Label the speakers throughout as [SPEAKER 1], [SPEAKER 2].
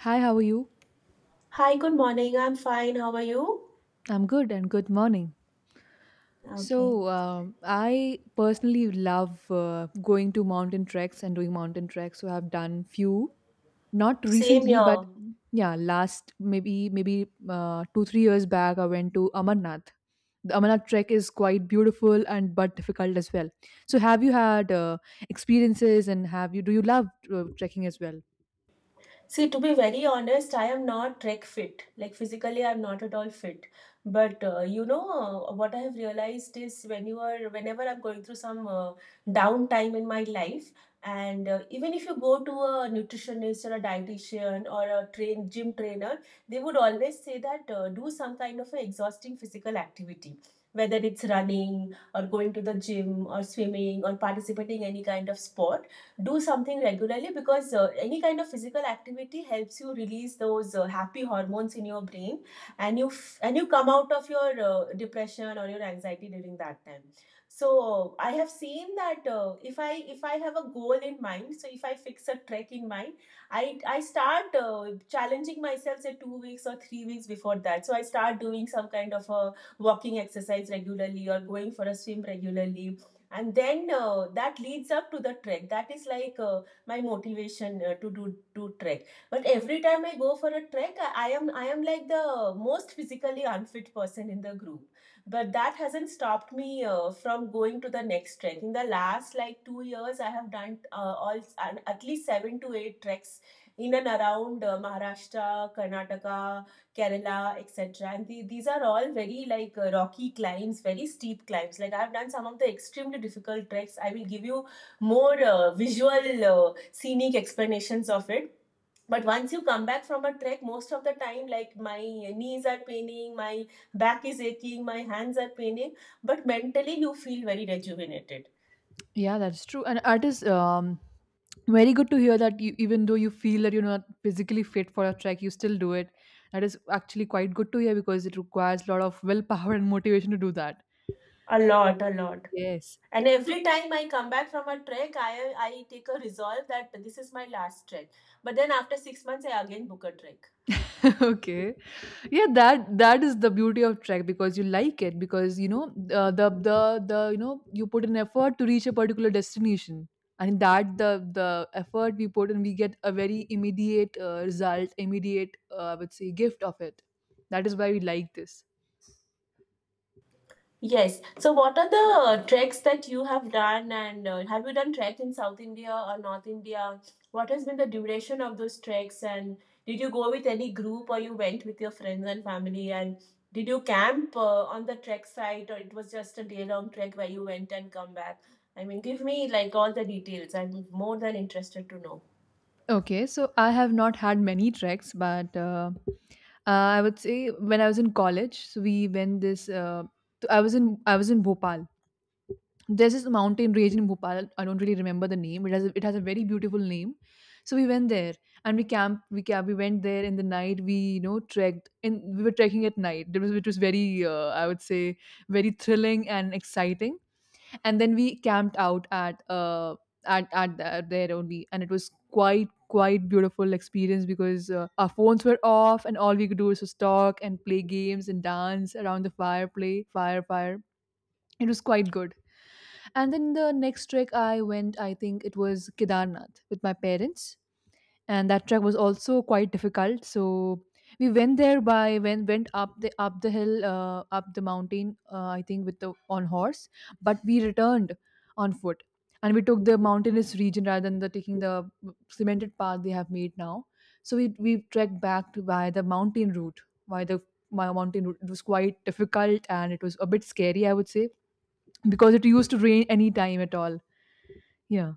[SPEAKER 1] Hi, how are you?
[SPEAKER 2] Hi, good morning. I'm fine. How are you?
[SPEAKER 1] I'm good and good morning.
[SPEAKER 2] Okay.
[SPEAKER 1] I personally love going to mountain treks and doing mountain treks. So, I've done few, not
[SPEAKER 2] Same
[SPEAKER 1] recently, but
[SPEAKER 2] here.
[SPEAKER 1] yeah, last maybe 2 3 years back, I went to Amarnath. The Amarnath trek is quite beautiful and but difficult as well. So, have you had experiences and have you do you love trekking as well?
[SPEAKER 2] See, to be very honest, I am not trek fit. Like physically, I'm not at all fit. But what I have realized is whenever I'm going through some downtime in my life, and even if you go to a nutritionist or a dietitian or a train gym trainer, they would always say that do some kind of an exhausting physical activity, whether it's running or going to the gym or swimming or participating any kind of sport, do something regularly because any kind of physical activity helps you release those happy hormones in your brain, and you come out of your depression or your anxiety during that time. So I have seen that if I have a goal in mind, so if I fix a trek in mind, I start challenging myself, say 2 weeks or 3 weeks before that. So I start doing some kind of a walking exercise regularly or going for a swim regularly, and then that leads up to the trek. That is like my motivation to do trek. But every time I go for a trek, I am like the most physically unfit person in the group, but that hasn't stopped me from going to the next trek. In the last like 2 years, I have done all and at least 7 to 8 treks in and around Maharashtra, Karnataka, Kerala, etc. And these are all very like rocky climbs, very steep climbs. Like, I've done some of the extremely difficult treks. I will give you more visual, scenic explanations of it. But once you come back from a trek, most of the time, like, my knees are paining, my back is aching, my hands are paining, but mentally you feel very rejuvenated.
[SPEAKER 1] Yeah, that's true, and it is very good to hear that you, even though you feel that you're not physically fit for a trek, you still do it. That is actually quite good to hear because it requires a lot of willpower and motivation to do that.
[SPEAKER 2] A lot, a lot.
[SPEAKER 1] Yes.
[SPEAKER 2] And every time I come back from a trek, I take a resolve that this is my last trek. But then after 6 months, I again book a trek.
[SPEAKER 1] Okay, yeah, that is the beauty of track because you like it because you know, the the you put an effort to reach a particular destination, and in that the effort we put and we get a very immediate result, immediate I would say gift of it. That is why we like this.
[SPEAKER 2] Yes. So what are the treks that you have done, and have you done trek in South India or North India? What has been the duration of those treks, and did you go with any group or you went with your friends and family? And did you camp on the trek site, or it was just a day long trek where you went and come back? I mean, give me like all the details. I'm more than interested to know.
[SPEAKER 1] Okay, so I have not had many treks, but I would say when I was in college, so we went this I was in Bhopal. There's this mountain range in Bhopal. I don't really remember the name. It has a very beautiful name. So we went there and we went there in the night. We you know trekked and we were trekking at night. It was very I would say very thrilling and exciting. And then we camped out at the, there only, and it was quite beautiful experience because our phones were off and all we could do was just talk and play games and dance around the fire, play fire. It was quite good. And then the next trek I went, I think it was Kedarnath with my parents, and that trek was also quite difficult. So we went there by when went up the hill, up the mountain, I think with the on horse, but we returned on foot, and we took the mountainous region rather than the taking the cemented path they have made now. So we trekked back to by the mountain route, by the my mountain route. It was quite difficult and it was a bit scary, I would say, because it used to rain any time at all. Yeah.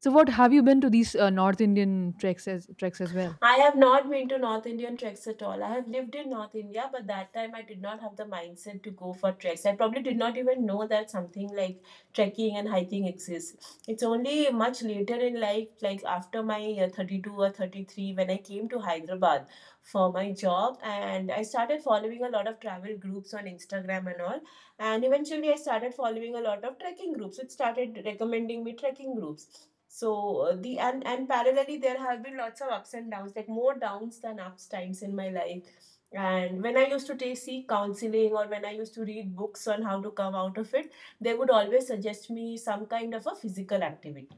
[SPEAKER 1] So what have you been to these North Indian treks as well?
[SPEAKER 2] I have not been to North Indian treks at all. I have lived in North India, but that time I did not have the mindset to go for treks. I probably did not even know that something like trekking and hiking exists. It's only much later in life, like after my 32 or 33, when I came to Hyderabad for my job and I started following a lot of travel groups on Instagram and all, and eventually, I started following a lot of trekking groups. It started recommending me trekking groups. So the and parallelly, there have been lots of ups and downs, like more downs than ups times in my life. And when I used to take, seek counseling or when I used to read books on how to come out of it, they would always suggest me some kind of a physical activity.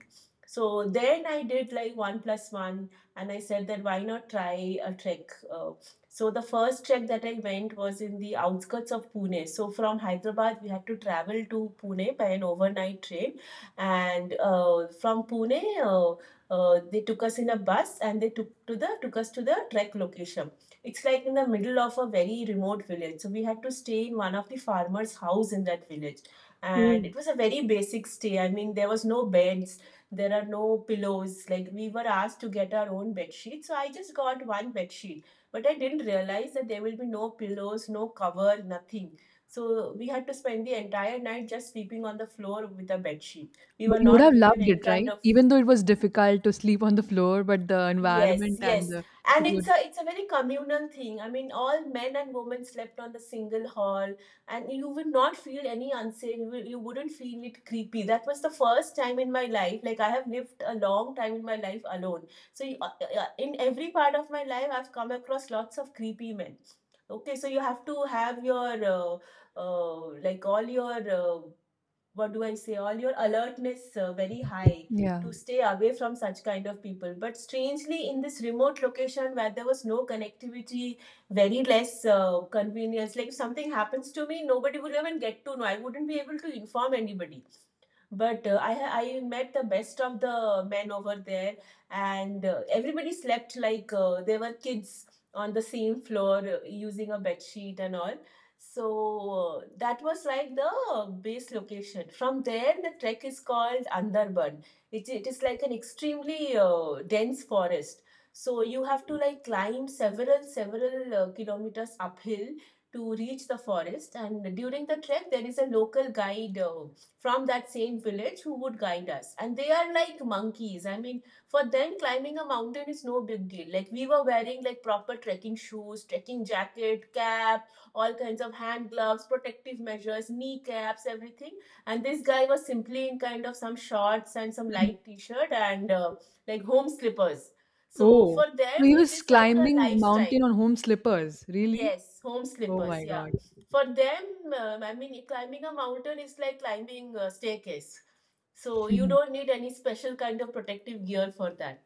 [SPEAKER 2] So then I did like one plus one, and I said that why not try a trek? So the first trek that I went was in the outskirts of Pune. So from Hyderabad, we had to travel to Pune by an overnight train, and from Pune, they took us in a bus and they took to the took us to the trek location. It's like in the middle of a very remote village, so we had to stay in one of the farmers' house in that village, and
[SPEAKER 1] Oh.
[SPEAKER 2] it was a very basic stay. I mean, there was no beds, there are no pillows. Like, we were asked to get our own bed sheet, so I just got one bed sheet, but I didn't realize that there will be no pillows, no cover, nothing. So we had to spend the entire night just sleeping on the floor with a bed sheet. We were
[SPEAKER 1] But you would
[SPEAKER 2] not
[SPEAKER 1] have
[SPEAKER 2] given
[SPEAKER 1] loved
[SPEAKER 2] any
[SPEAKER 1] it,
[SPEAKER 2] kind
[SPEAKER 1] right?
[SPEAKER 2] of.
[SPEAKER 1] Even though it was difficult to sleep on the floor, but the
[SPEAKER 2] Yes,
[SPEAKER 1] environment and
[SPEAKER 2] yes.
[SPEAKER 1] the
[SPEAKER 2] And
[SPEAKER 1] it
[SPEAKER 2] it's
[SPEAKER 1] would
[SPEAKER 2] a it's a very communal thing. I mean, all men and women slept on the single hall, and you would not feel any unsafe. You wouldn't feel it creepy. That was the first time in my life. Like, I have lived a long time in my life alone. So you, in every part of my life, I've come across lots of creepy men. Okay, so you have to have your like all your uh, what do I say, all your alertness very high
[SPEAKER 1] yeah.
[SPEAKER 2] to stay away from such kind of people. But strangely, in this remote location where there was no connectivity, very less convenience, like if something happens to me, nobody would even get to know. I wouldn't be able to inform anybody. But I met the best of the men over there, and everybody slept like they were kids on the same floor using a bed sheet and all. So that was like the base location. From there, the trek is called Andarban. It is like an extremely dense forest. So you have to like climb several kilometers uphill to reach the forest. And during the trek, there is a local guide from that same village who would guide us. And they are like monkeys. I mean, for them, climbing a mountain is no big deal. Like, we were wearing like proper trekking shoes, trekking jacket, cap, all kinds of hand gloves, protective measures, knee caps, everything. And this guy was simply in kind of some shorts and some light t shirt and like home slippers. So
[SPEAKER 1] Oh,
[SPEAKER 2] for
[SPEAKER 1] so
[SPEAKER 2] them,
[SPEAKER 1] he
[SPEAKER 2] it
[SPEAKER 1] was
[SPEAKER 2] is like a
[SPEAKER 1] climbing mountain
[SPEAKER 2] lifestyle.
[SPEAKER 1] on home slippers. Really?
[SPEAKER 2] Yes, home
[SPEAKER 1] Oh
[SPEAKER 2] slippers,
[SPEAKER 1] my
[SPEAKER 2] yeah.
[SPEAKER 1] God.
[SPEAKER 2] For them, I mean, climbing a mountain is like climbing a staircase. So you
[SPEAKER 1] Mhm.
[SPEAKER 2] don't need any special kind of protective gear for that.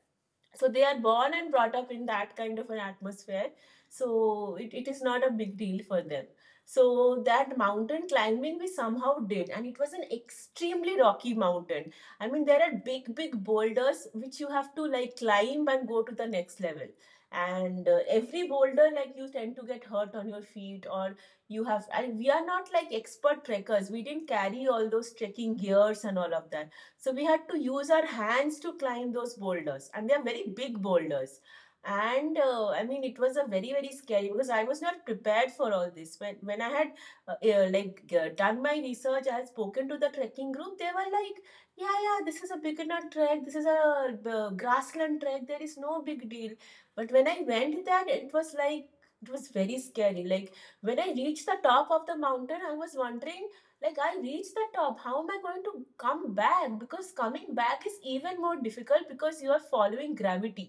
[SPEAKER 2] So they are born and brought up in that kind of an atmosphere, so it is not a big deal for them. So that mountain climbing we somehow did, and it was an extremely rocky mountain. I mean, there are big boulders which you have to like climb and go to the next level. And every boulder, like, you tend to get hurt on your feet, or you have, and we are not like expert trekkers. We didn't carry all those trekking gears and all of that. So we had to use our hands to climb those boulders, and they are very big boulders. And I mean, it was a very scary because I was not prepared for all this. When I had done my research, I had spoken to the trekking group. They were like, "Yeah, yeah, this is a beginner trek. This is a grassland trek. There is no big deal." But when I went there, it was like it was very scary. Like, when I reached the top of the mountain, I was wondering, like, I reached the top, how am I going to come back? Because coming back is even more difficult because you are following gravity.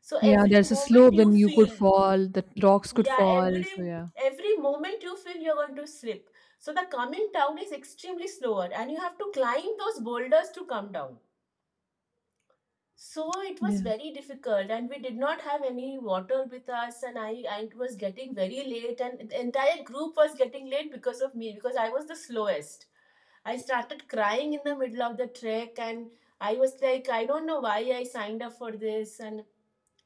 [SPEAKER 2] So
[SPEAKER 1] Yeah,
[SPEAKER 2] every
[SPEAKER 1] there's a
[SPEAKER 2] moment
[SPEAKER 1] slope,
[SPEAKER 2] you
[SPEAKER 1] then you could
[SPEAKER 2] feel,
[SPEAKER 1] fall, the rocks could
[SPEAKER 2] yeah,
[SPEAKER 1] fall. So yeah.
[SPEAKER 2] every moment you feel you're going to slip. So the coming down is extremely slower, and you have to climb those boulders to come down. So it was
[SPEAKER 1] Yeah.
[SPEAKER 2] very difficult, and we did not have any water with us. And I, it was getting very late, and the entire group was getting late because of me, because I was the slowest. I started crying in the middle of the trek, and I was like, I don't know why I signed up for this. And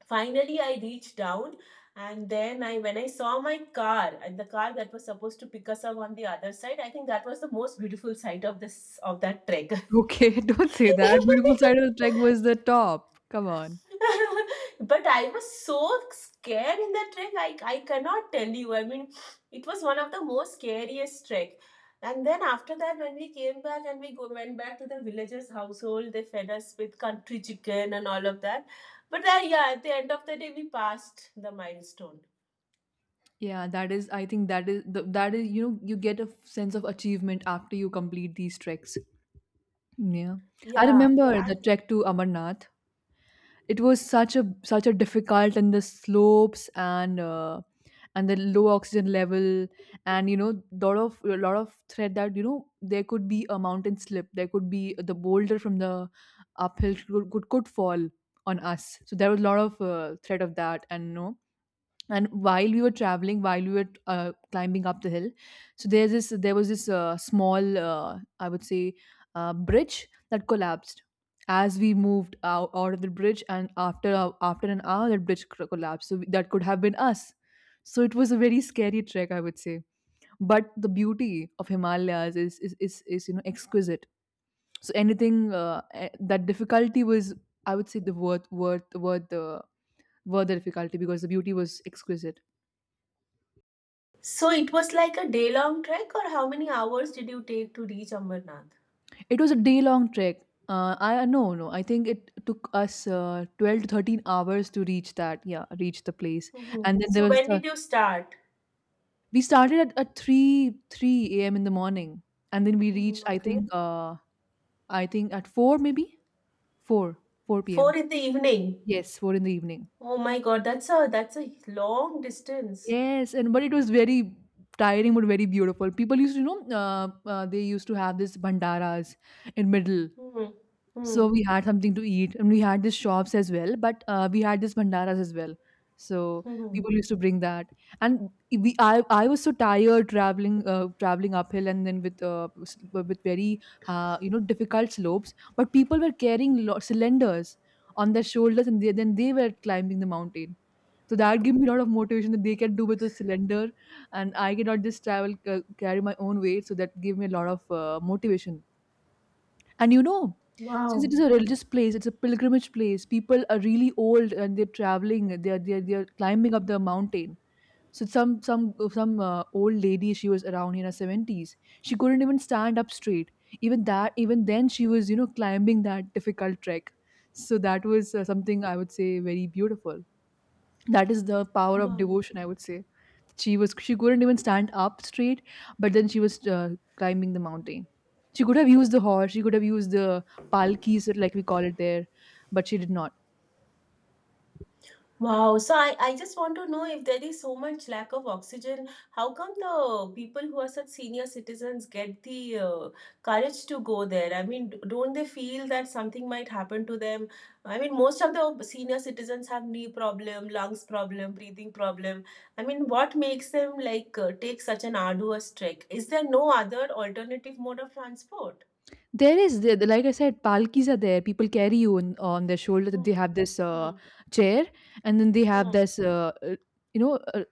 [SPEAKER 2] finally, I reached down. And then I, when I saw my car and the car that was supposed to pick us up on the other side, I think that was the most beautiful sight of this of that trek.
[SPEAKER 1] Okay, don't say that. Beautiful side of the trek was the top. Come on.
[SPEAKER 2] But I was so scared in that trek. I cannot tell you. I mean, it was one of the most scariest trek. And then after that, when we came back and went back to the villagers' household, they fed us with country chicken and all of that. But yeah, at the end of the day, we passed the milestone.
[SPEAKER 1] Yeah, that is, I think that is, the, that is, you know, you get a sense of achievement after you complete these treks. Yeah. I
[SPEAKER 2] Yeah,
[SPEAKER 1] remember
[SPEAKER 2] yeah.
[SPEAKER 1] the
[SPEAKER 2] And
[SPEAKER 1] trek to Amarnath. It was such a difficult and the slopes and the low oxygen level, and you know lot of a lot of threat that you know there could be a mountain slip, there could be the boulder from the uphill could fall on us. So there was a lot of threat of that. And no, and while we were traveling, while we were climbing up the hill, so there was this small I would say bridge that collapsed as we moved out of the bridge, and after after an hour that bridge collapsed. So that could have been us. So it was a very scary trek, I would say. But the beauty of Himalayas is you know exquisite. So anything that difficulty was, I would say, the worth the difficulty, because the beauty was exquisite.
[SPEAKER 2] so it was like a day-long trek, or how many hours did you take to reach Ambernath?
[SPEAKER 1] It was a day long trek. I no no. I think it took us 12 to 13 hours to reach that. Yeah, reach the place.
[SPEAKER 2] Hmm.
[SPEAKER 1] And then there
[SPEAKER 2] So
[SPEAKER 1] was
[SPEAKER 2] when
[SPEAKER 1] the
[SPEAKER 2] did you start?
[SPEAKER 1] we started at three a.m. in the morning, and then we
[SPEAKER 2] Hmm.
[SPEAKER 1] reached.
[SPEAKER 2] Okay.
[SPEAKER 1] I think at four, maybe four four
[SPEAKER 2] Four
[SPEAKER 1] p.m.
[SPEAKER 2] in the evening.
[SPEAKER 1] Yes, four in the evening.
[SPEAKER 2] Oh my God, that's a long distance.
[SPEAKER 1] Yes, and but it was very tiring but very beautiful. People used to you know they used to have this bandaras in middle.
[SPEAKER 2] Hmm.
[SPEAKER 1] So
[SPEAKER 2] Hmm.
[SPEAKER 1] we had something to eat and we had these shops as well, but we had these bhandaras as well. So
[SPEAKER 2] Hmm.
[SPEAKER 1] people used to bring that, and I was so tired traveling traveling uphill, and then with with very you know difficult slopes, but people were carrying cylinders on their shoulders, and then they were climbing the mountain. So that gave me a lot of motivation that they can do with a cylinder, and I cannot just carry my own weight. So that gave me a lot of motivation. And you know, since
[SPEAKER 2] Wow.
[SPEAKER 1] it is a religious place, it's a pilgrimage place. People are really old and they're traveling. They're climbing up the mountain. So some old lady, she was around in her seventies. She couldn't even stand up straight. Even that, even then, she was you know climbing that difficult trek. So that was something I would say very beautiful. That is the power of
[SPEAKER 2] Wow.
[SPEAKER 1] devotion, I would say. She was, she couldn't even stand up straight, but then she was climbing the mountain. She could have used the horse, she could have used the palkis, like we call it there, but she did not.
[SPEAKER 2] Wow, so I just want to know if there is so much lack of oxygen, how come the people who are such senior citizens get the courage to go there? I mean, don't they feel that something might happen to them? I mean, most of the senior citizens have knee problem, lungs problem, breathing problem. I mean, what makes them like take such an arduous trek? Is there no other alternative mode of transport?
[SPEAKER 1] There is like I said, palkis are there, people carry you on their shoulder. They
[SPEAKER 2] Hmm.
[SPEAKER 1] have this
[SPEAKER 2] Hmm.
[SPEAKER 1] chair, and then they have
[SPEAKER 2] Hmm.
[SPEAKER 1] this you know uh,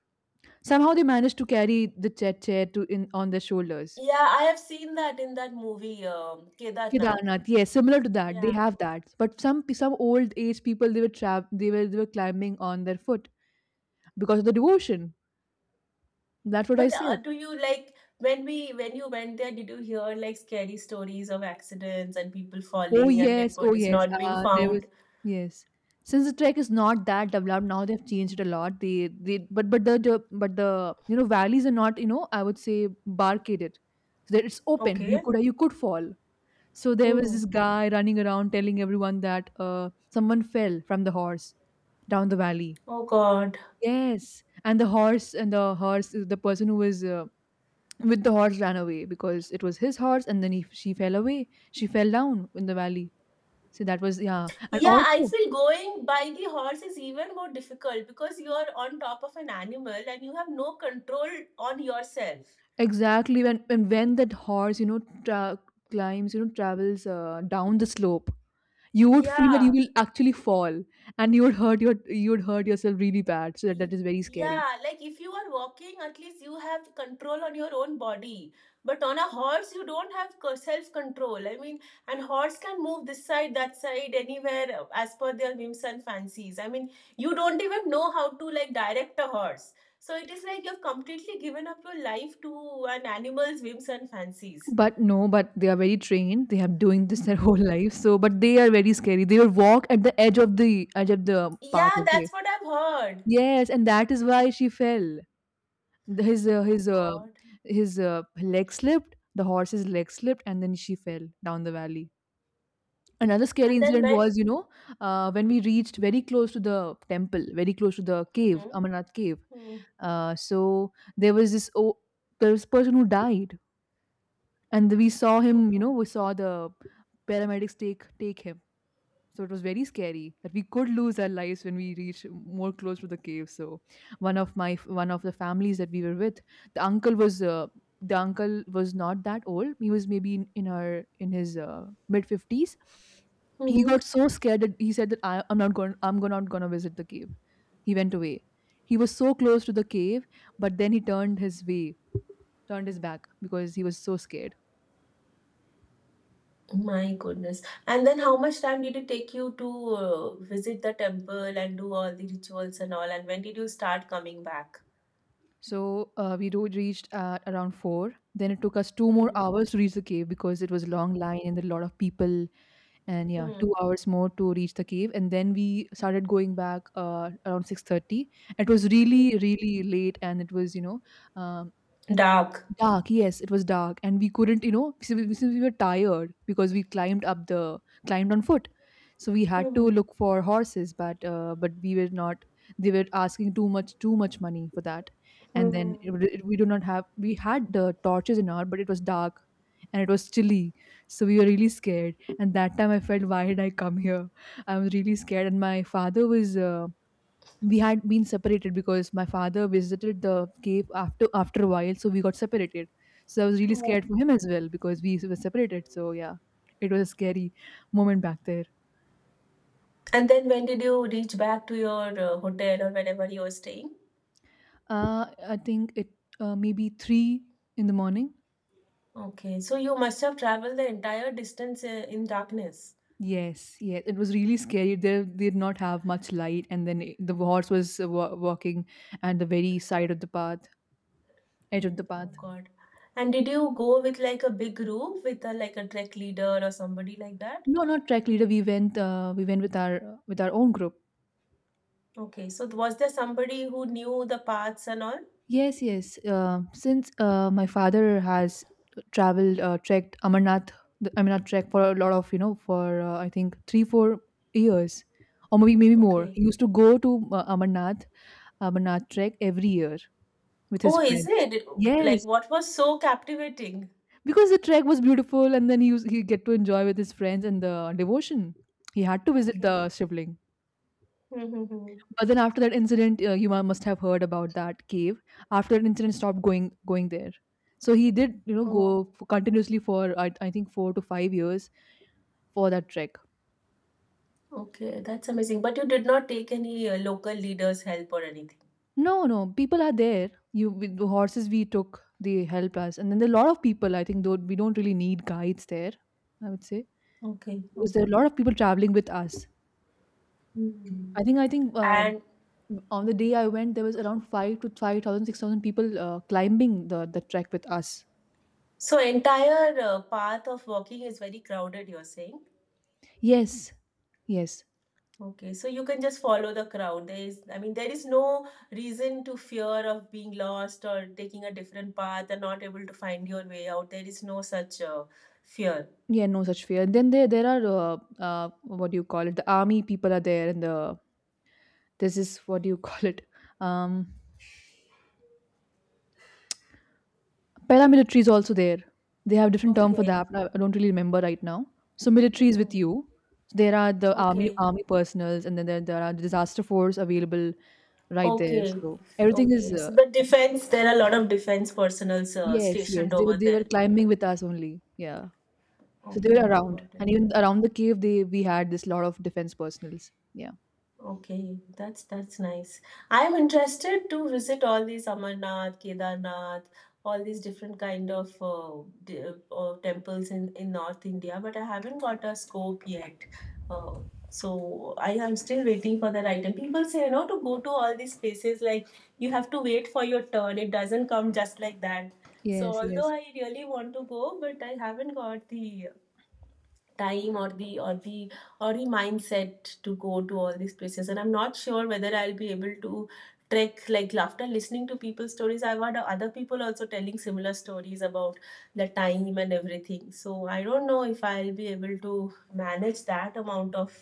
[SPEAKER 1] somehow they manage to carry the chair, chair to in on their shoulders.
[SPEAKER 2] Yeah, I have seen that in that movie, Kedarnath.
[SPEAKER 1] Kedarnath, yes, similar to that. They
[SPEAKER 2] Yeah.
[SPEAKER 1] have that. But some old age people, they were trapped, they were climbing on their foot because of the devotion. That's what I
[SPEAKER 2] But
[SPEAKER 1] said.
[SPEAKER 2] do you like when you went there, did you hear like scary stories of accidents and people
[SPEAKER 1] Oh
[SPEAKER 2] falling and dead
[SPEAKER 1] yes, oh
[SPEAKER 2] bodies
[SPEAKER 1] yes.
[SPEAKER 2] not being
[SPEAKER 1] There was
[SPEAKER 2] found?
[SPEAKER 1] yes. Since the trek is not that developed now, they've changed it a lot. They but the but the you know valleys are not you know I would say barricaded. So that it's open. You
[SPEAKER 2] Okay.
[SPEAKER 1] could you could fall. So there was
[SPEAKER 2] Hmm.
[SPEAKER 1] this guy running around telling everyone that someone fell from the horse down the valley.
[SPEAKER 2] Oh God.
[SPEAKER 1] Yes, and the horse, the person who was with the horse ran away because it was his horse, and then she fell away. She fell down in the valley. So that was, yeah, and
[SPEAKER 2] Yeah, I
[SPEAKER 1] also
[SPEAKER 2] feel going by the horse is even more difficult because you are on top of an animal and you have no control on yourself.
[SPEAKER 1] exactly when, and when that horse you know climbs you know travels down the slope, you would feel that you
[SPEAKER 2] Yeah.
[SPEAKER 1] will actually fall and you would hurt you would hurt yourself really bad. So that
[SPEAKER 2] Y-
[SPEAKER 1] is very scary.
[SPEAKER 2] Yeah, like if you are walking, at least you have control on your own body. But on a horse, you don't have self control. I mean, and horse can move this side, that side, anywhere as per their whims and fancies. I mean, you don't even know how to like direct a horse. So it is like you've completely given up your life to an animal's whims and fancies.
[SPEAKER 1] But no, but they are very trained. They have doing this their whole life. So, but they are very scary. They will walk at the edge of the path.
[SPEAKER 2] Yeah,
[SPEAKER 1] Okay.
[SPEAKER 2] that's what I've heard.
[SPEAKER 1] Yes, and that is why she fell. The- His uh,
[SPEAKER 2] Oh
[SPEAKER 1] his uh,
[SPEAKER 2] God.
[SPEAKER 1] his leg slipped. The horse's leg slipped, and then she fell down the valley. Another scary
[SPEAKER 2] And then
[SPEAKER 1] incident
[SPEAKER 2] when.
[SPEAKER 1] was, you know, when we reached very close to the temple, very close to the cave,
[SPEAKER 2] Mm-hmm.
[SPEAKER 1] Amarnath cave. So there was this oh, there was a person who died, and we saw him you
[SPEAKER 2] Mm-hmm.
[SPEAKER 1] know we saw the paramedics take him. So it was very scary that we could lose our lives when we reach more close to the cave. So one of my, one of the families that we were with, the uncle was uh, the uncle was not that old. He was maybe in his mid 50s. He
[SPEAKER 2] Mm-hmm.
[SPEAKER 1] got so scared that he said that I'm not going, not going to visit the cave. He went away. He was so close to the cave, but then he turned his way, turned his back because he was so scared.
[SPEAKER 2] My goodness. And then how much time did it take you to visit the temple and do all the rituals and all? And when did you start coming back?
[SPEAKER 1] So we do reached at around four. Then it took us two more
[SPEAKER 2] Hmm.
[SPEAKER 1] hours to reach the cave because it was a long line and there were a lot of people. And yeah,
[SPEAKER 2] Hmm.
[SPEAKER 1] 2 hours more to reach the cave. And then we started going back around 6:30. It was
[SPEAKER 2] Hmm.
[SPEAKER 1] really, really late, and it was um
[SPEAKER 2] Dark.
[SPEAKER 1] dark, yes, it was dark, and we couldn't, you know, since we were tired because we climbed up the climbed on foot, so we had
[SPEAKER 2] Hmm.
[SPEAKER 1] to look for horses, but we were not. They were asking too much money for that, and
[SPEAKER 2] Hmm.
[SPEAKER 1] then we do not have. We had the torches and all, but it was dark, and it was chilly, so we were really scared. And that time I felt, why did I come here? I was really scared, and my father was. We had been separated because my father visited the cave after a while, so we got separated, so I was really scared
[SPEAKER 2] Oh.
[SPEAKER 1] for him as well because we were separated. So yeah, it was a scary moment back there.
[SPEAKER 2] And then when did you reach back to your hotel or wherever you were staying?
[SPEAKER 1] I think it maybe 3 in the morning.
[SPEAKER 2] Okay. So you must have traveled the entire distance in darkness.
[SPEAKER 1] Yes, yes, it was really scary. They did not have much light, and then the horse was walking at the very side of the path edge of the
[SPEAKER 2] Oh
[SPEAKER 1] path.
[SPEAKER 2] God. And did you go with like a big group with a, like a trek leader or somebody like that?
[SPEAKER 1] No, not track leader. We went with our, with our own group.
[SPEAKER 2] Okay, so was there somebody who knew the paths and all?
[SPEAKER 1] Yes, yes. Since my father has traveled, trekked Amarnath, the Amarnath trek, for a lot of, you know, for I think three, 4 years, or maybe more.
[SPEAKER 2] Okay.
[SPEAKER 1] He used to go to Amarnath, Amarnath trek every year with his
[SPEAKER 2] Oh, is
[SPEAKER 1] friends.
[SPEAKER 2] it? Like,
[SPEAKER 1] Yes,
[SPEAKER 2] what was so captivating?
[SPEAKER 1] because the trek was beautiful, and then he used, he get to enjoy with his friends and the devotion. He had to visit
[SPEAKER 2] Okay.
[SPEAKER 1] the Shivling.
[SPEAKER 2] Mm-hmm.
[SPEAKER 1] But then after that incident, you must have heard about that cave. After that incident, stopped going there. So he did, you know, go
[SPEAKER 2] Oh,
[SPEAKER 1] f continuously for I think 4 to 5 years for that trek.
[SPEAKER 2] okay. That's amazing. But you did not take any local leaders' help or anything.
[SPEAKER 1] No, no, people are there. You, with the horses we took, they helped us, and then there are a lot of people. I think though we don't really need guides there, I would say,
[SPEAKER 2] Okay,
[SPEAKER 1] because there are a
[SPEAKER 2] okay.
[SPEAKER 1] lot of people traveling with us.
[SPEAKER 2] Hmm.
[SPEAKER 1] I think
[SPEAKER 2] And
[SPEAKER 1] On the day I went, there was around 5 to 5,000, 6,000 people climbing the trek with us.
[SPEAKER 2] so entire path of walking is very crowded, you're saying?
[SPEAKER 1] Yes, yes.
[SPEAKER 2] Okay, so you can just follow the crowd. There is, I mean, there is no reason to fear of being lost or taking a different path and not able to find your way out. There is no such fear.
[SPEAKER 1] Yeah, no such fear. Then there are what do you call it? The army people are there, and the there's this is what do you call it? Um, Paramilitary is also there. They have different term for
[SPEAKER 2] Okay.
[SPEAKER 1] that, but I don't really remember right now. So military is with
[SPEAKER 2] Mm-hmm.
[SPEAKER 1] you. So there are the army
[SPEAKER 2] Okay.
[SPEAKER 1] army personals, and then there are disaster force available right there.
[SPEAKER 2] Okay.
[SPEAKER 1] So everything is
[SPEAKER 2] Okay. So the defense, there are a lot of defense personnel
[SPEAKER 1] yes,
[SPEAKER 2] stationed
[SPEAKER 1] yes. They were
[SPEAKER 2] over
[SPEAKER 1] they were
[SPEAKER 2] there.
[SPEAKER 1] climbing with us only. Yeah. So they
[SPEAKER 2] Okay,
[SPEAKER 1] were
[SPEAKER 2] okay,
[SPEAKER 1] around,
[SPEAKER 2] got it.
[SPEAKER 1] and even around the cave, they we had this lot of defense personals. Yeah.
[SPEAKER 2] Okay, that's nice. I'm interested to visit all these Amarnath, Kedarnath, all these different kind of temples in North India, but I haven't got a scope yet. Uh, so I am still waiting for the right time. People say, you know, to go to all these places, like you have to wait for your turn. It doesn't come just like that. So
[SPEAKER 1] Yes,
[SPEAKER 2] although
[SPEAKER 1] yes.
[SPEAKER 2] I really want to go, but I haven't got the time or the mindset to go to all these places, and I'm not sure whether I'll be able to trek. Like, after listening to people's stories, I've heard other people also telling similar stories about the time and everything, so I don't know if I'll be able to manage that amount of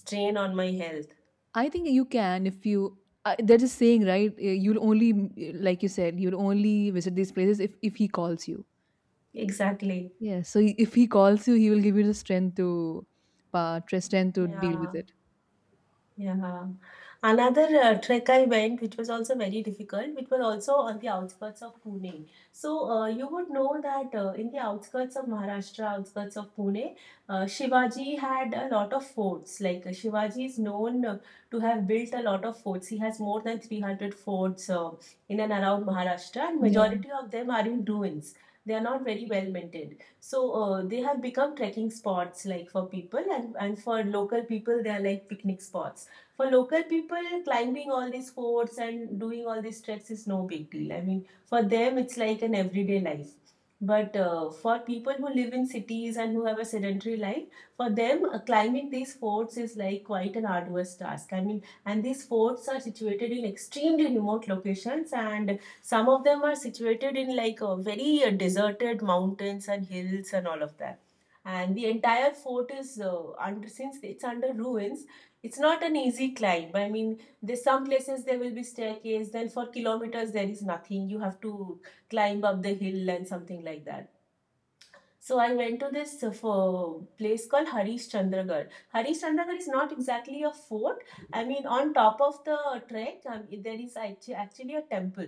[SPEAKER 2] strain on my health.
[SPEAKER 1] I think you can if you. They're saying, right? You'll only, mm, like you said, you'll only visit these places if he calls you.
[SPEAKER 2] Exactly.
[SPEAKER 1] Yeah. So if he calls you, he will give you the strength to, strength to deal
[SPEAKER 2] Yeah.
[SPEAKER 1] with it.
[SPEAKER 2] Yeah. Another trek I went, which was also very difficult, which was also on the outskirts of Pune. So you would know that in the outskirts of Maharashtra, outskirts of Pune, Shivaji had a lot of forts. Like Shivaji is known to have built a lot of forts. He has more than 300 forts in and around Maharashtra, and
[SPEAKER 1] Yeah.
[SPEAKER 2] majority of them are in ruins. They are not very well maintained. So they have become trekking spots like for people, and for local people they are like picnic spots. For local people, climbing all these forts and doing all these treks is no big deal. I mean, for them, it's like an everyday life. But for people who live in cities and who have a sedentary life, for them, climbing these forts is like quite an arduous task. I mean, and these forts are situated in extremely remote locations, and some of them are situated in like very deserted mountains and hills and all of that. And the entire fort is under, since it's under ruins, it's not an easy climb. I mean, there's some places there will be staircase, then for kilometers there is nothing. You have to climb up the hill and something like that. So I went to this for place called Harishchandragarh. Harishchandragarh is not exactly a fort. I mean, on top of the trek, there is actually a temple.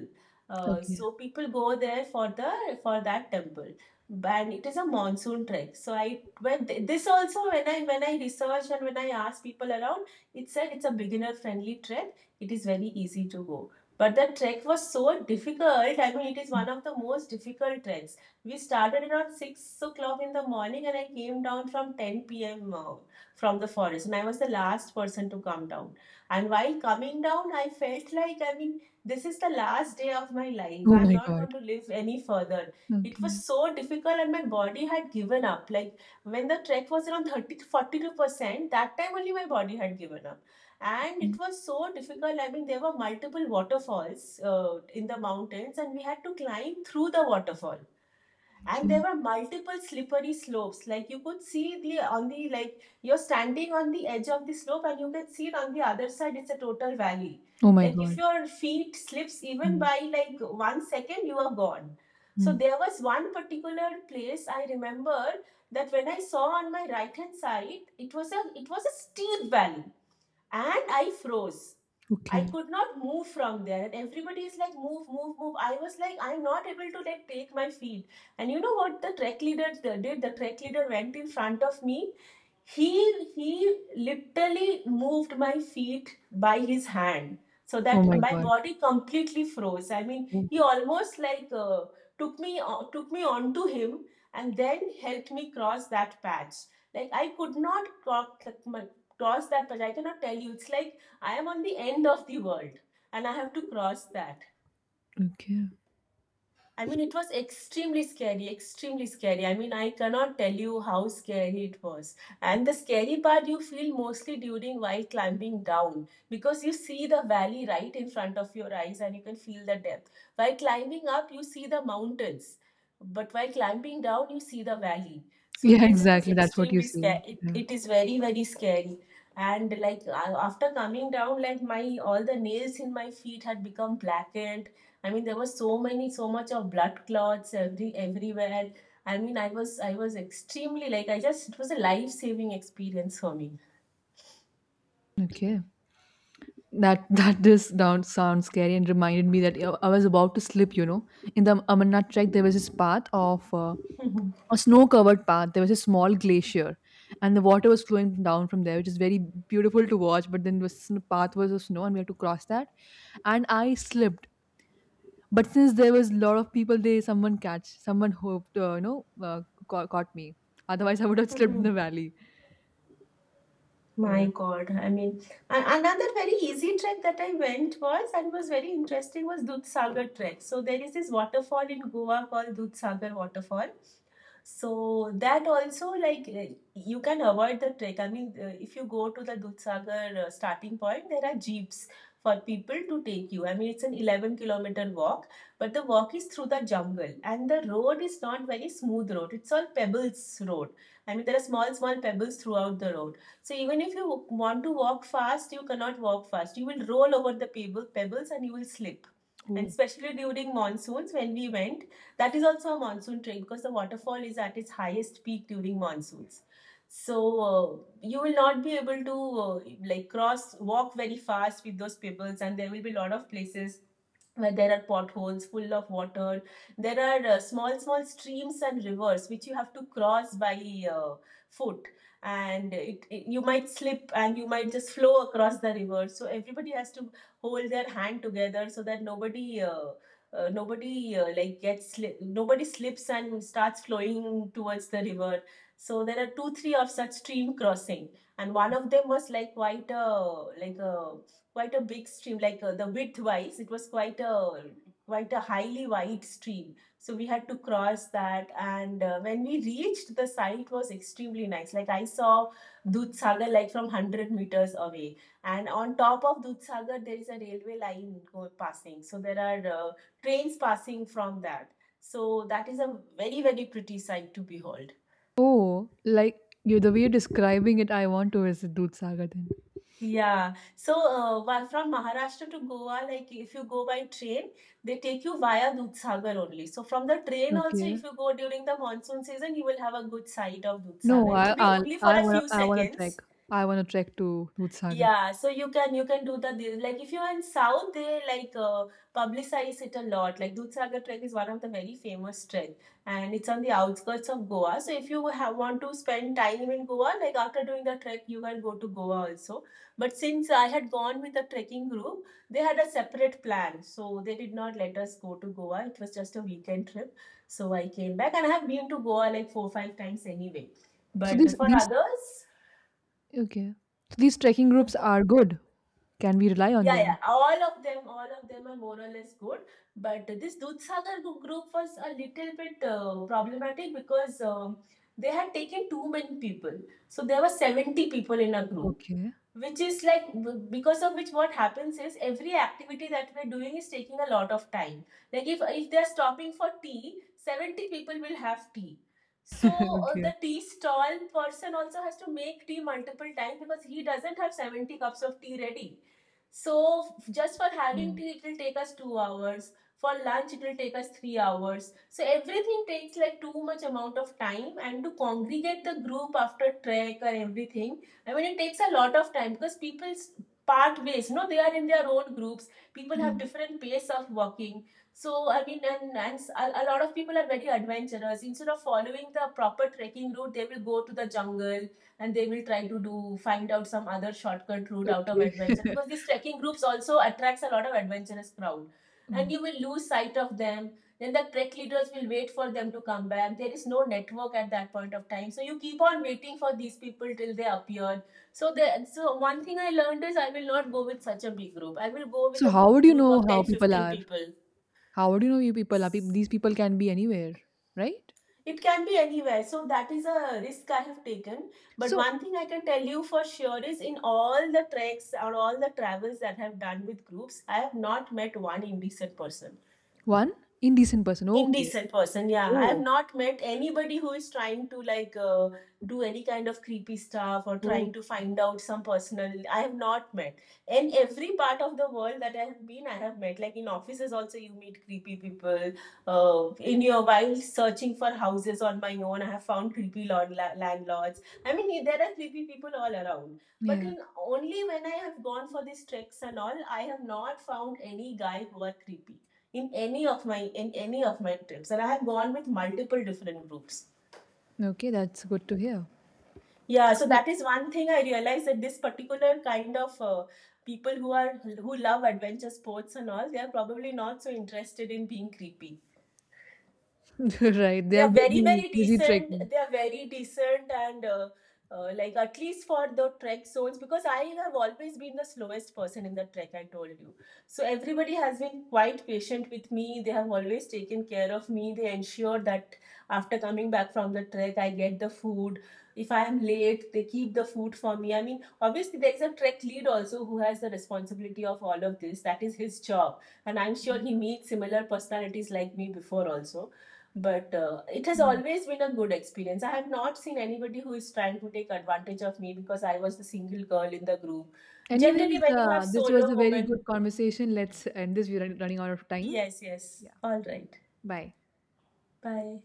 [SPEAKER 2] Uh,
[SPEAKER 1] Okay.
[SPEAKER 2] so people go there for the for that temple, and it is a monsoon trek. So I went this also when I researched and when I asked people around, it said it's a beginner friendly trek. It is very easy to go. But the trek was so difficult. I mean, it is
[SPEAKER 1] Mm.
[SPEAKER 2] one of the most difficult treks. We started around 6 o'clock in the morning, and I came down from 10 p.m. From the forest. And I was the last person to come down. And while coming down, I felt like, I mean, this is the last day of my life.
[SPEAKER 1] Oh
[SPEAKER 2] I'm
[SPEAKER 1] my
[SPEAKER 2] not going
[SPEAKER 1] god.
[SPEAKER 2] to live any further. It was
[SPEAKER 1] Okay.
[SPEAKER 2] so difficult and my body had given up. Like, when the trek was around 30 to 42%, that time only my body had given up. And it
[SPEAKER 1] Mm,
[SPEAKER 2] was so difficult. I mean, there were multiple waterfalls in the mountains, and we had to climb through the waterfall, and there
[SPEAKER 1] okay.
[SPEAKER 2] were multiple slippery slopes. Like, you could see the on the, like, you're standing on the edge of the slope and you can see it on the other side, it's a total valley.
[SPEAKER 1] Oh my
[SPEAKER 2] Like, if
[SPEAKER 1] god.
[SPEAKER 2] your feet slips even
[SPEAKER 1] Mm,
[SPEAKER 2] by like 1 second, you are gone. So
[SPEAKER 1] mm,
[SPEAKER 2] there was one particular place I remember, that when I saw on my right hand side, it was a steep valley, and I froze. I
[SPEAKER 1] okay.
[SPEAKER 2] could not move from there. And everybody is like, move, move, move. I was like, I'm not able to like take my feet. And you know what the trek leader did? The trek leader went in front of me. he he literally moved my feet by his hand, so
[SPEAKER 1] Oh
[SPEAKER 2] that
[SPEAKER 1] my
[SPEAKER 2] my
[SPEAKER 1] god.
[SPEAKER 2] body completely froze. I mean, he almost like took me onto him and then helped me cross that patch. Like, I could not cross that patch. I cannot tell you, it's like I am on the end of the world and I have to cross that.
[SPEAKER 1] Okay.
[SPEAKER 2] I mean, it was extremely scary, extremely scary. I mean, I cannot tell you how scary it was. And the scary part you feel mostly during while climbing down, because you see the valley right in front of your eyes and you can feel the depth. While climbing up, you see the mountains, but while climbing down you see the valley, so
[SPEAKER 1] Yeah,
[SPEAKER 2] it is
[SPEAKER 1] exactly. That's what you
[SPEAKER 2] extremely
[SPEAKER 1] see.
[SPEAKER 2] scary, it,
[SPEAKER 1] Yeah.
[SPEAKER 2] it is very very scary. And like, after coming down, like, my all the nails in my feet had become blackened. I mean, there was so much of blood clots everywhere. I mean, I was extremely, like, I just, it was a life saving experience for me.
[SPEAKER 1] Okay. That that does down sound scary, and reminded me that I was about to slip. You know, in the Amarnath trek, there was this path of a snow-covered path. There was a small glacier, and the water was flowing down from there, which is very beautiful to watch. But then the path was of snow, and we had to cross that. And I slipped. But since there was a lot of people, they someone catch, someone hoped, you know, uh, caught me. Otherwise, I would have slipped in the valley.
[SPEAKER 2] My
[SPEAKER 1] Yeah.
[SPEAKER 2] God, I mean, another very easy trek that I went was, and was very interesting, was Dudh Sagar trek. So there is this waterfall in Goa called Dudh Sagar waterfall, so that also, like, you can avoid the trek. I mean, if you go to the Dudhsagar starting point, there are jeeps for people to take you. I mean, it's an 11-kilometer walk, but the walk is through the jungle and the road is not very smooth road. It's all pebbles road. I mean, there are small, small pebbles throughout the road. So even if you want to walk fast, you cannot walk fast. You will roll over the pebbles and you will slip. And especially during monsoons, when we went, that is also a monsoon trail because the waterfall is at its highest peak during monsoons. So you will not be able to like cross walk very fast with those pebbles, and there will be a lot of places where there are potholes full of water. There are small, small streams and rivers which you have to cross by uh, foot, and you might slip and you might just flow across the river. So everybody has to hold their hand together so that nobody. Nobody, like nobody slips and starts flowing towards the river. So there are two three of such stream crossing, and one of them was like quite a big stream, like the width wise, it was quite a highly wide stream. So we had to cross that, and when we reached, the site was extremely nice. Like I saw Dudh like from 100 meters away, and on top of Dudh there is a railway line passing, so there are trains passing from that. So that is a very very pretty sight to behold.
[SPEAKER 1] Oh, like you, the way you're describing it, I want to visit Dudh Sagar then.
[SPEAKER 2] Yeah. So, while from Maharashtra to Goa, like if you go by train, they take you via Dudhsagar only. So, from the train also,
[SPEAKER 1] Okay.
[SPEAKER 2] if you go during the monsoon season, you will have a good sight of
[SPEAKER 1] No,
[SPEAKER 2] Dudhsagar. It will
[SPEAKER 1] I
[SPEAKER 2] be
[SPEAKER 1] I'll,
[SPEAKER 2] only for
[SPEAKER 1] I
[SPEAKER 2] a
[SPEAKER 1] want
[SPEAKER 2] few
[SPEAKER 1] I want to trek.
[SPEAKER 2] seconds,
[SPEAKER 1] I want to trek to Dudh Sagar.
[SPEAKER 2] yeah, so you can do the this. Like if you're in South, they like publicize it a lot. Like Dudhsagar Trek is one of the very famous trek, and it's on the outskirts of Goa. So if you have, want to spend time in Goa, like after doing the trek, you can go to Goa also. But since I had gone with the trekking group, they had a separate plan, so they did not let us go to Goa. It was just a weekend trip, so I came back, and I have been to Goa like four five times anyway.
[SPEAKER 1] So
[SPEAKER 2] But for
[SPEAKER 1] these
[SPEAKER 2] others.
[SPEAKER 1] okay. So these trekking
[SPEAKER 2] So
[SPEAKER 1] groups
[SPEAKER 2] for
[SPEAKER 1] are good. Can we rely on
[SPEAKER 2] Yeah, yeah.
[SPEAKER 1] them?
[SPEAKER 2] All of them are more or less good. But this Dudhsagar group was a little bit problematic, because they had taken too many people. So there were 70 people in a group,
[SPEAKER 1] Okay.
[SPEAKER 2] which is like, because of which what happens is every activity that we're doing is taking a lot of time. Like if they're stopping for tea, 70 people will have tea. So
[SPEAKER 1] Okay.
[SPEAKER 2] the tea stall person also has to make tea multiple times because he doesn't have 70 cups of tea ready. So just for having
[SPEAKER 1] Mm.
[SPEAKER 2] tea it will take us 2 hours. For lunch it will take us 3 hours. So everything takes like too much amount of time, and to congregate the group after trek or everything, I mean, it takes a lot of time because people's part ways, no, they are in their own groups. People
[SPEAKER 1] Yeah.
[SPEAKER 2] have different pace of working. So, I mean, and a lot of people are very adventurous. Instead of following the proper trekking route, they will go to the jungle, and they will try to do find out some other shortcut route out of
[SPEAKER 1] Okay.
[SPEAKER 2] adventure, because these trekking groups also attracts a lot of adventurous crowd, and
[SPEAKER 1] Mm.
[SPEAKER 2] you will lose sight of them. Then the trek leaders will wait for them to come back. There is no network at that point of time, so you keep on waiting for these people till they appear. So the so one thing I learned is I will not go with such a big group. I will go with
[SPEAKER 1] So
[SPEAKER 2] a
[SPEAKER 1] how would you
[SPEAKER 2] group
[SPEAKER 1] know
[SPEAKER 2] of
[SPEAKER 1] how
[SPEAKER 2] 10,
[SPEAKER 1] people
[SPEAKER 2] 15
[SPEAKER 1] are?
[SPEAKER 2] people.
[SPEAKER 1] How would you know you people are? These people can be anywhere, right?
[SPEAKER 2] It can be anywhere, so that is a risk I have taken. But
[SPEAKER 1] So
[SPEAKER 2] one thing I can tell you for sure is, in all the treks or all the travels that I have done with groups, I have not met one indecent person.
[SPEAKER 1] one indecent person. Okay.
[SPEAKER 2] Indecent person, yeah, I've
[SPEAKER 1] Oh.
[SPEAKER 2] not met anybody who is trying to like do any kind of creepy stuff or trying
[SPEAKER 1] Oh.
[SPEAKER 2] to find out some personal. I have not met, in every part of the world that I have been, I have met, like in offices also you meet creepy people. In your While searching for houses on my own, I have found creepy landlords. I mean, there are creepy people all around, but
[SPEAKER 1] Yeah.
[SPEAKER 2] in only when I have gone for these treks and all, I have not found any guy who are creepy in any of my trips. And I have gone with multiple different groups.
[SPEAKER 1] Okay. That's good to hear.
[SPEAKER 2] Yeah,
[SPEAKER 1] So,
[SPEAKER 2] so
[SPEAKER 1] i-
[SPEAKER 2] that is one thing I realized, that this particular kind of people who are who love adventure sports and all, they are probably not so interested in being creepy.
[SPEAKER 1] Right, they
[SPEAKER 2] They
[SPEAKER 1] are
[SPEAKER 2] are very
[SPEAKER 1] busy,
[SPEAKER 2] very
[SPEAKER 1] busy
[SPEAKER 2] decent.
[SPEAKER 1] trekking.
[SPEAKER 2] They are very decent, and like at least for the trek zones, because I have always been the slowest person in the trek, I told you. So everybody has been quite patient with me. They have always taken care of me. They ensure that after coming back from the trek I get the food. If I am late, they keep the food for me. I mean, obviously there is a trek lead also who has the responsibility of all of this. That is his job. And I'm sure he meets similar personalities like me before also. But it has
[SPEAKER 1] Mm.
[SPEAKER 2] always been a good experience. I have not seen anybody who is trying to take advantage of me because I was the single girl in the group. Generally,
[SPEAKER 1] Anyways,
[SPEAKER 2] when you have
[SPEAKER 1] this was
[SPEAKER 2] solo
[SPEAKER 1] a very
[SPEAKER 2] woman,
[SPEAKER 1] good conversation. Let's end this. Running out of time.
[SPEAKER 2] yes, yes,
[SPEAKER 1] Yeah,
[SPEAKER 2] all right,
[SPEAKER 1] bye.
[SPEAKER 2] bye.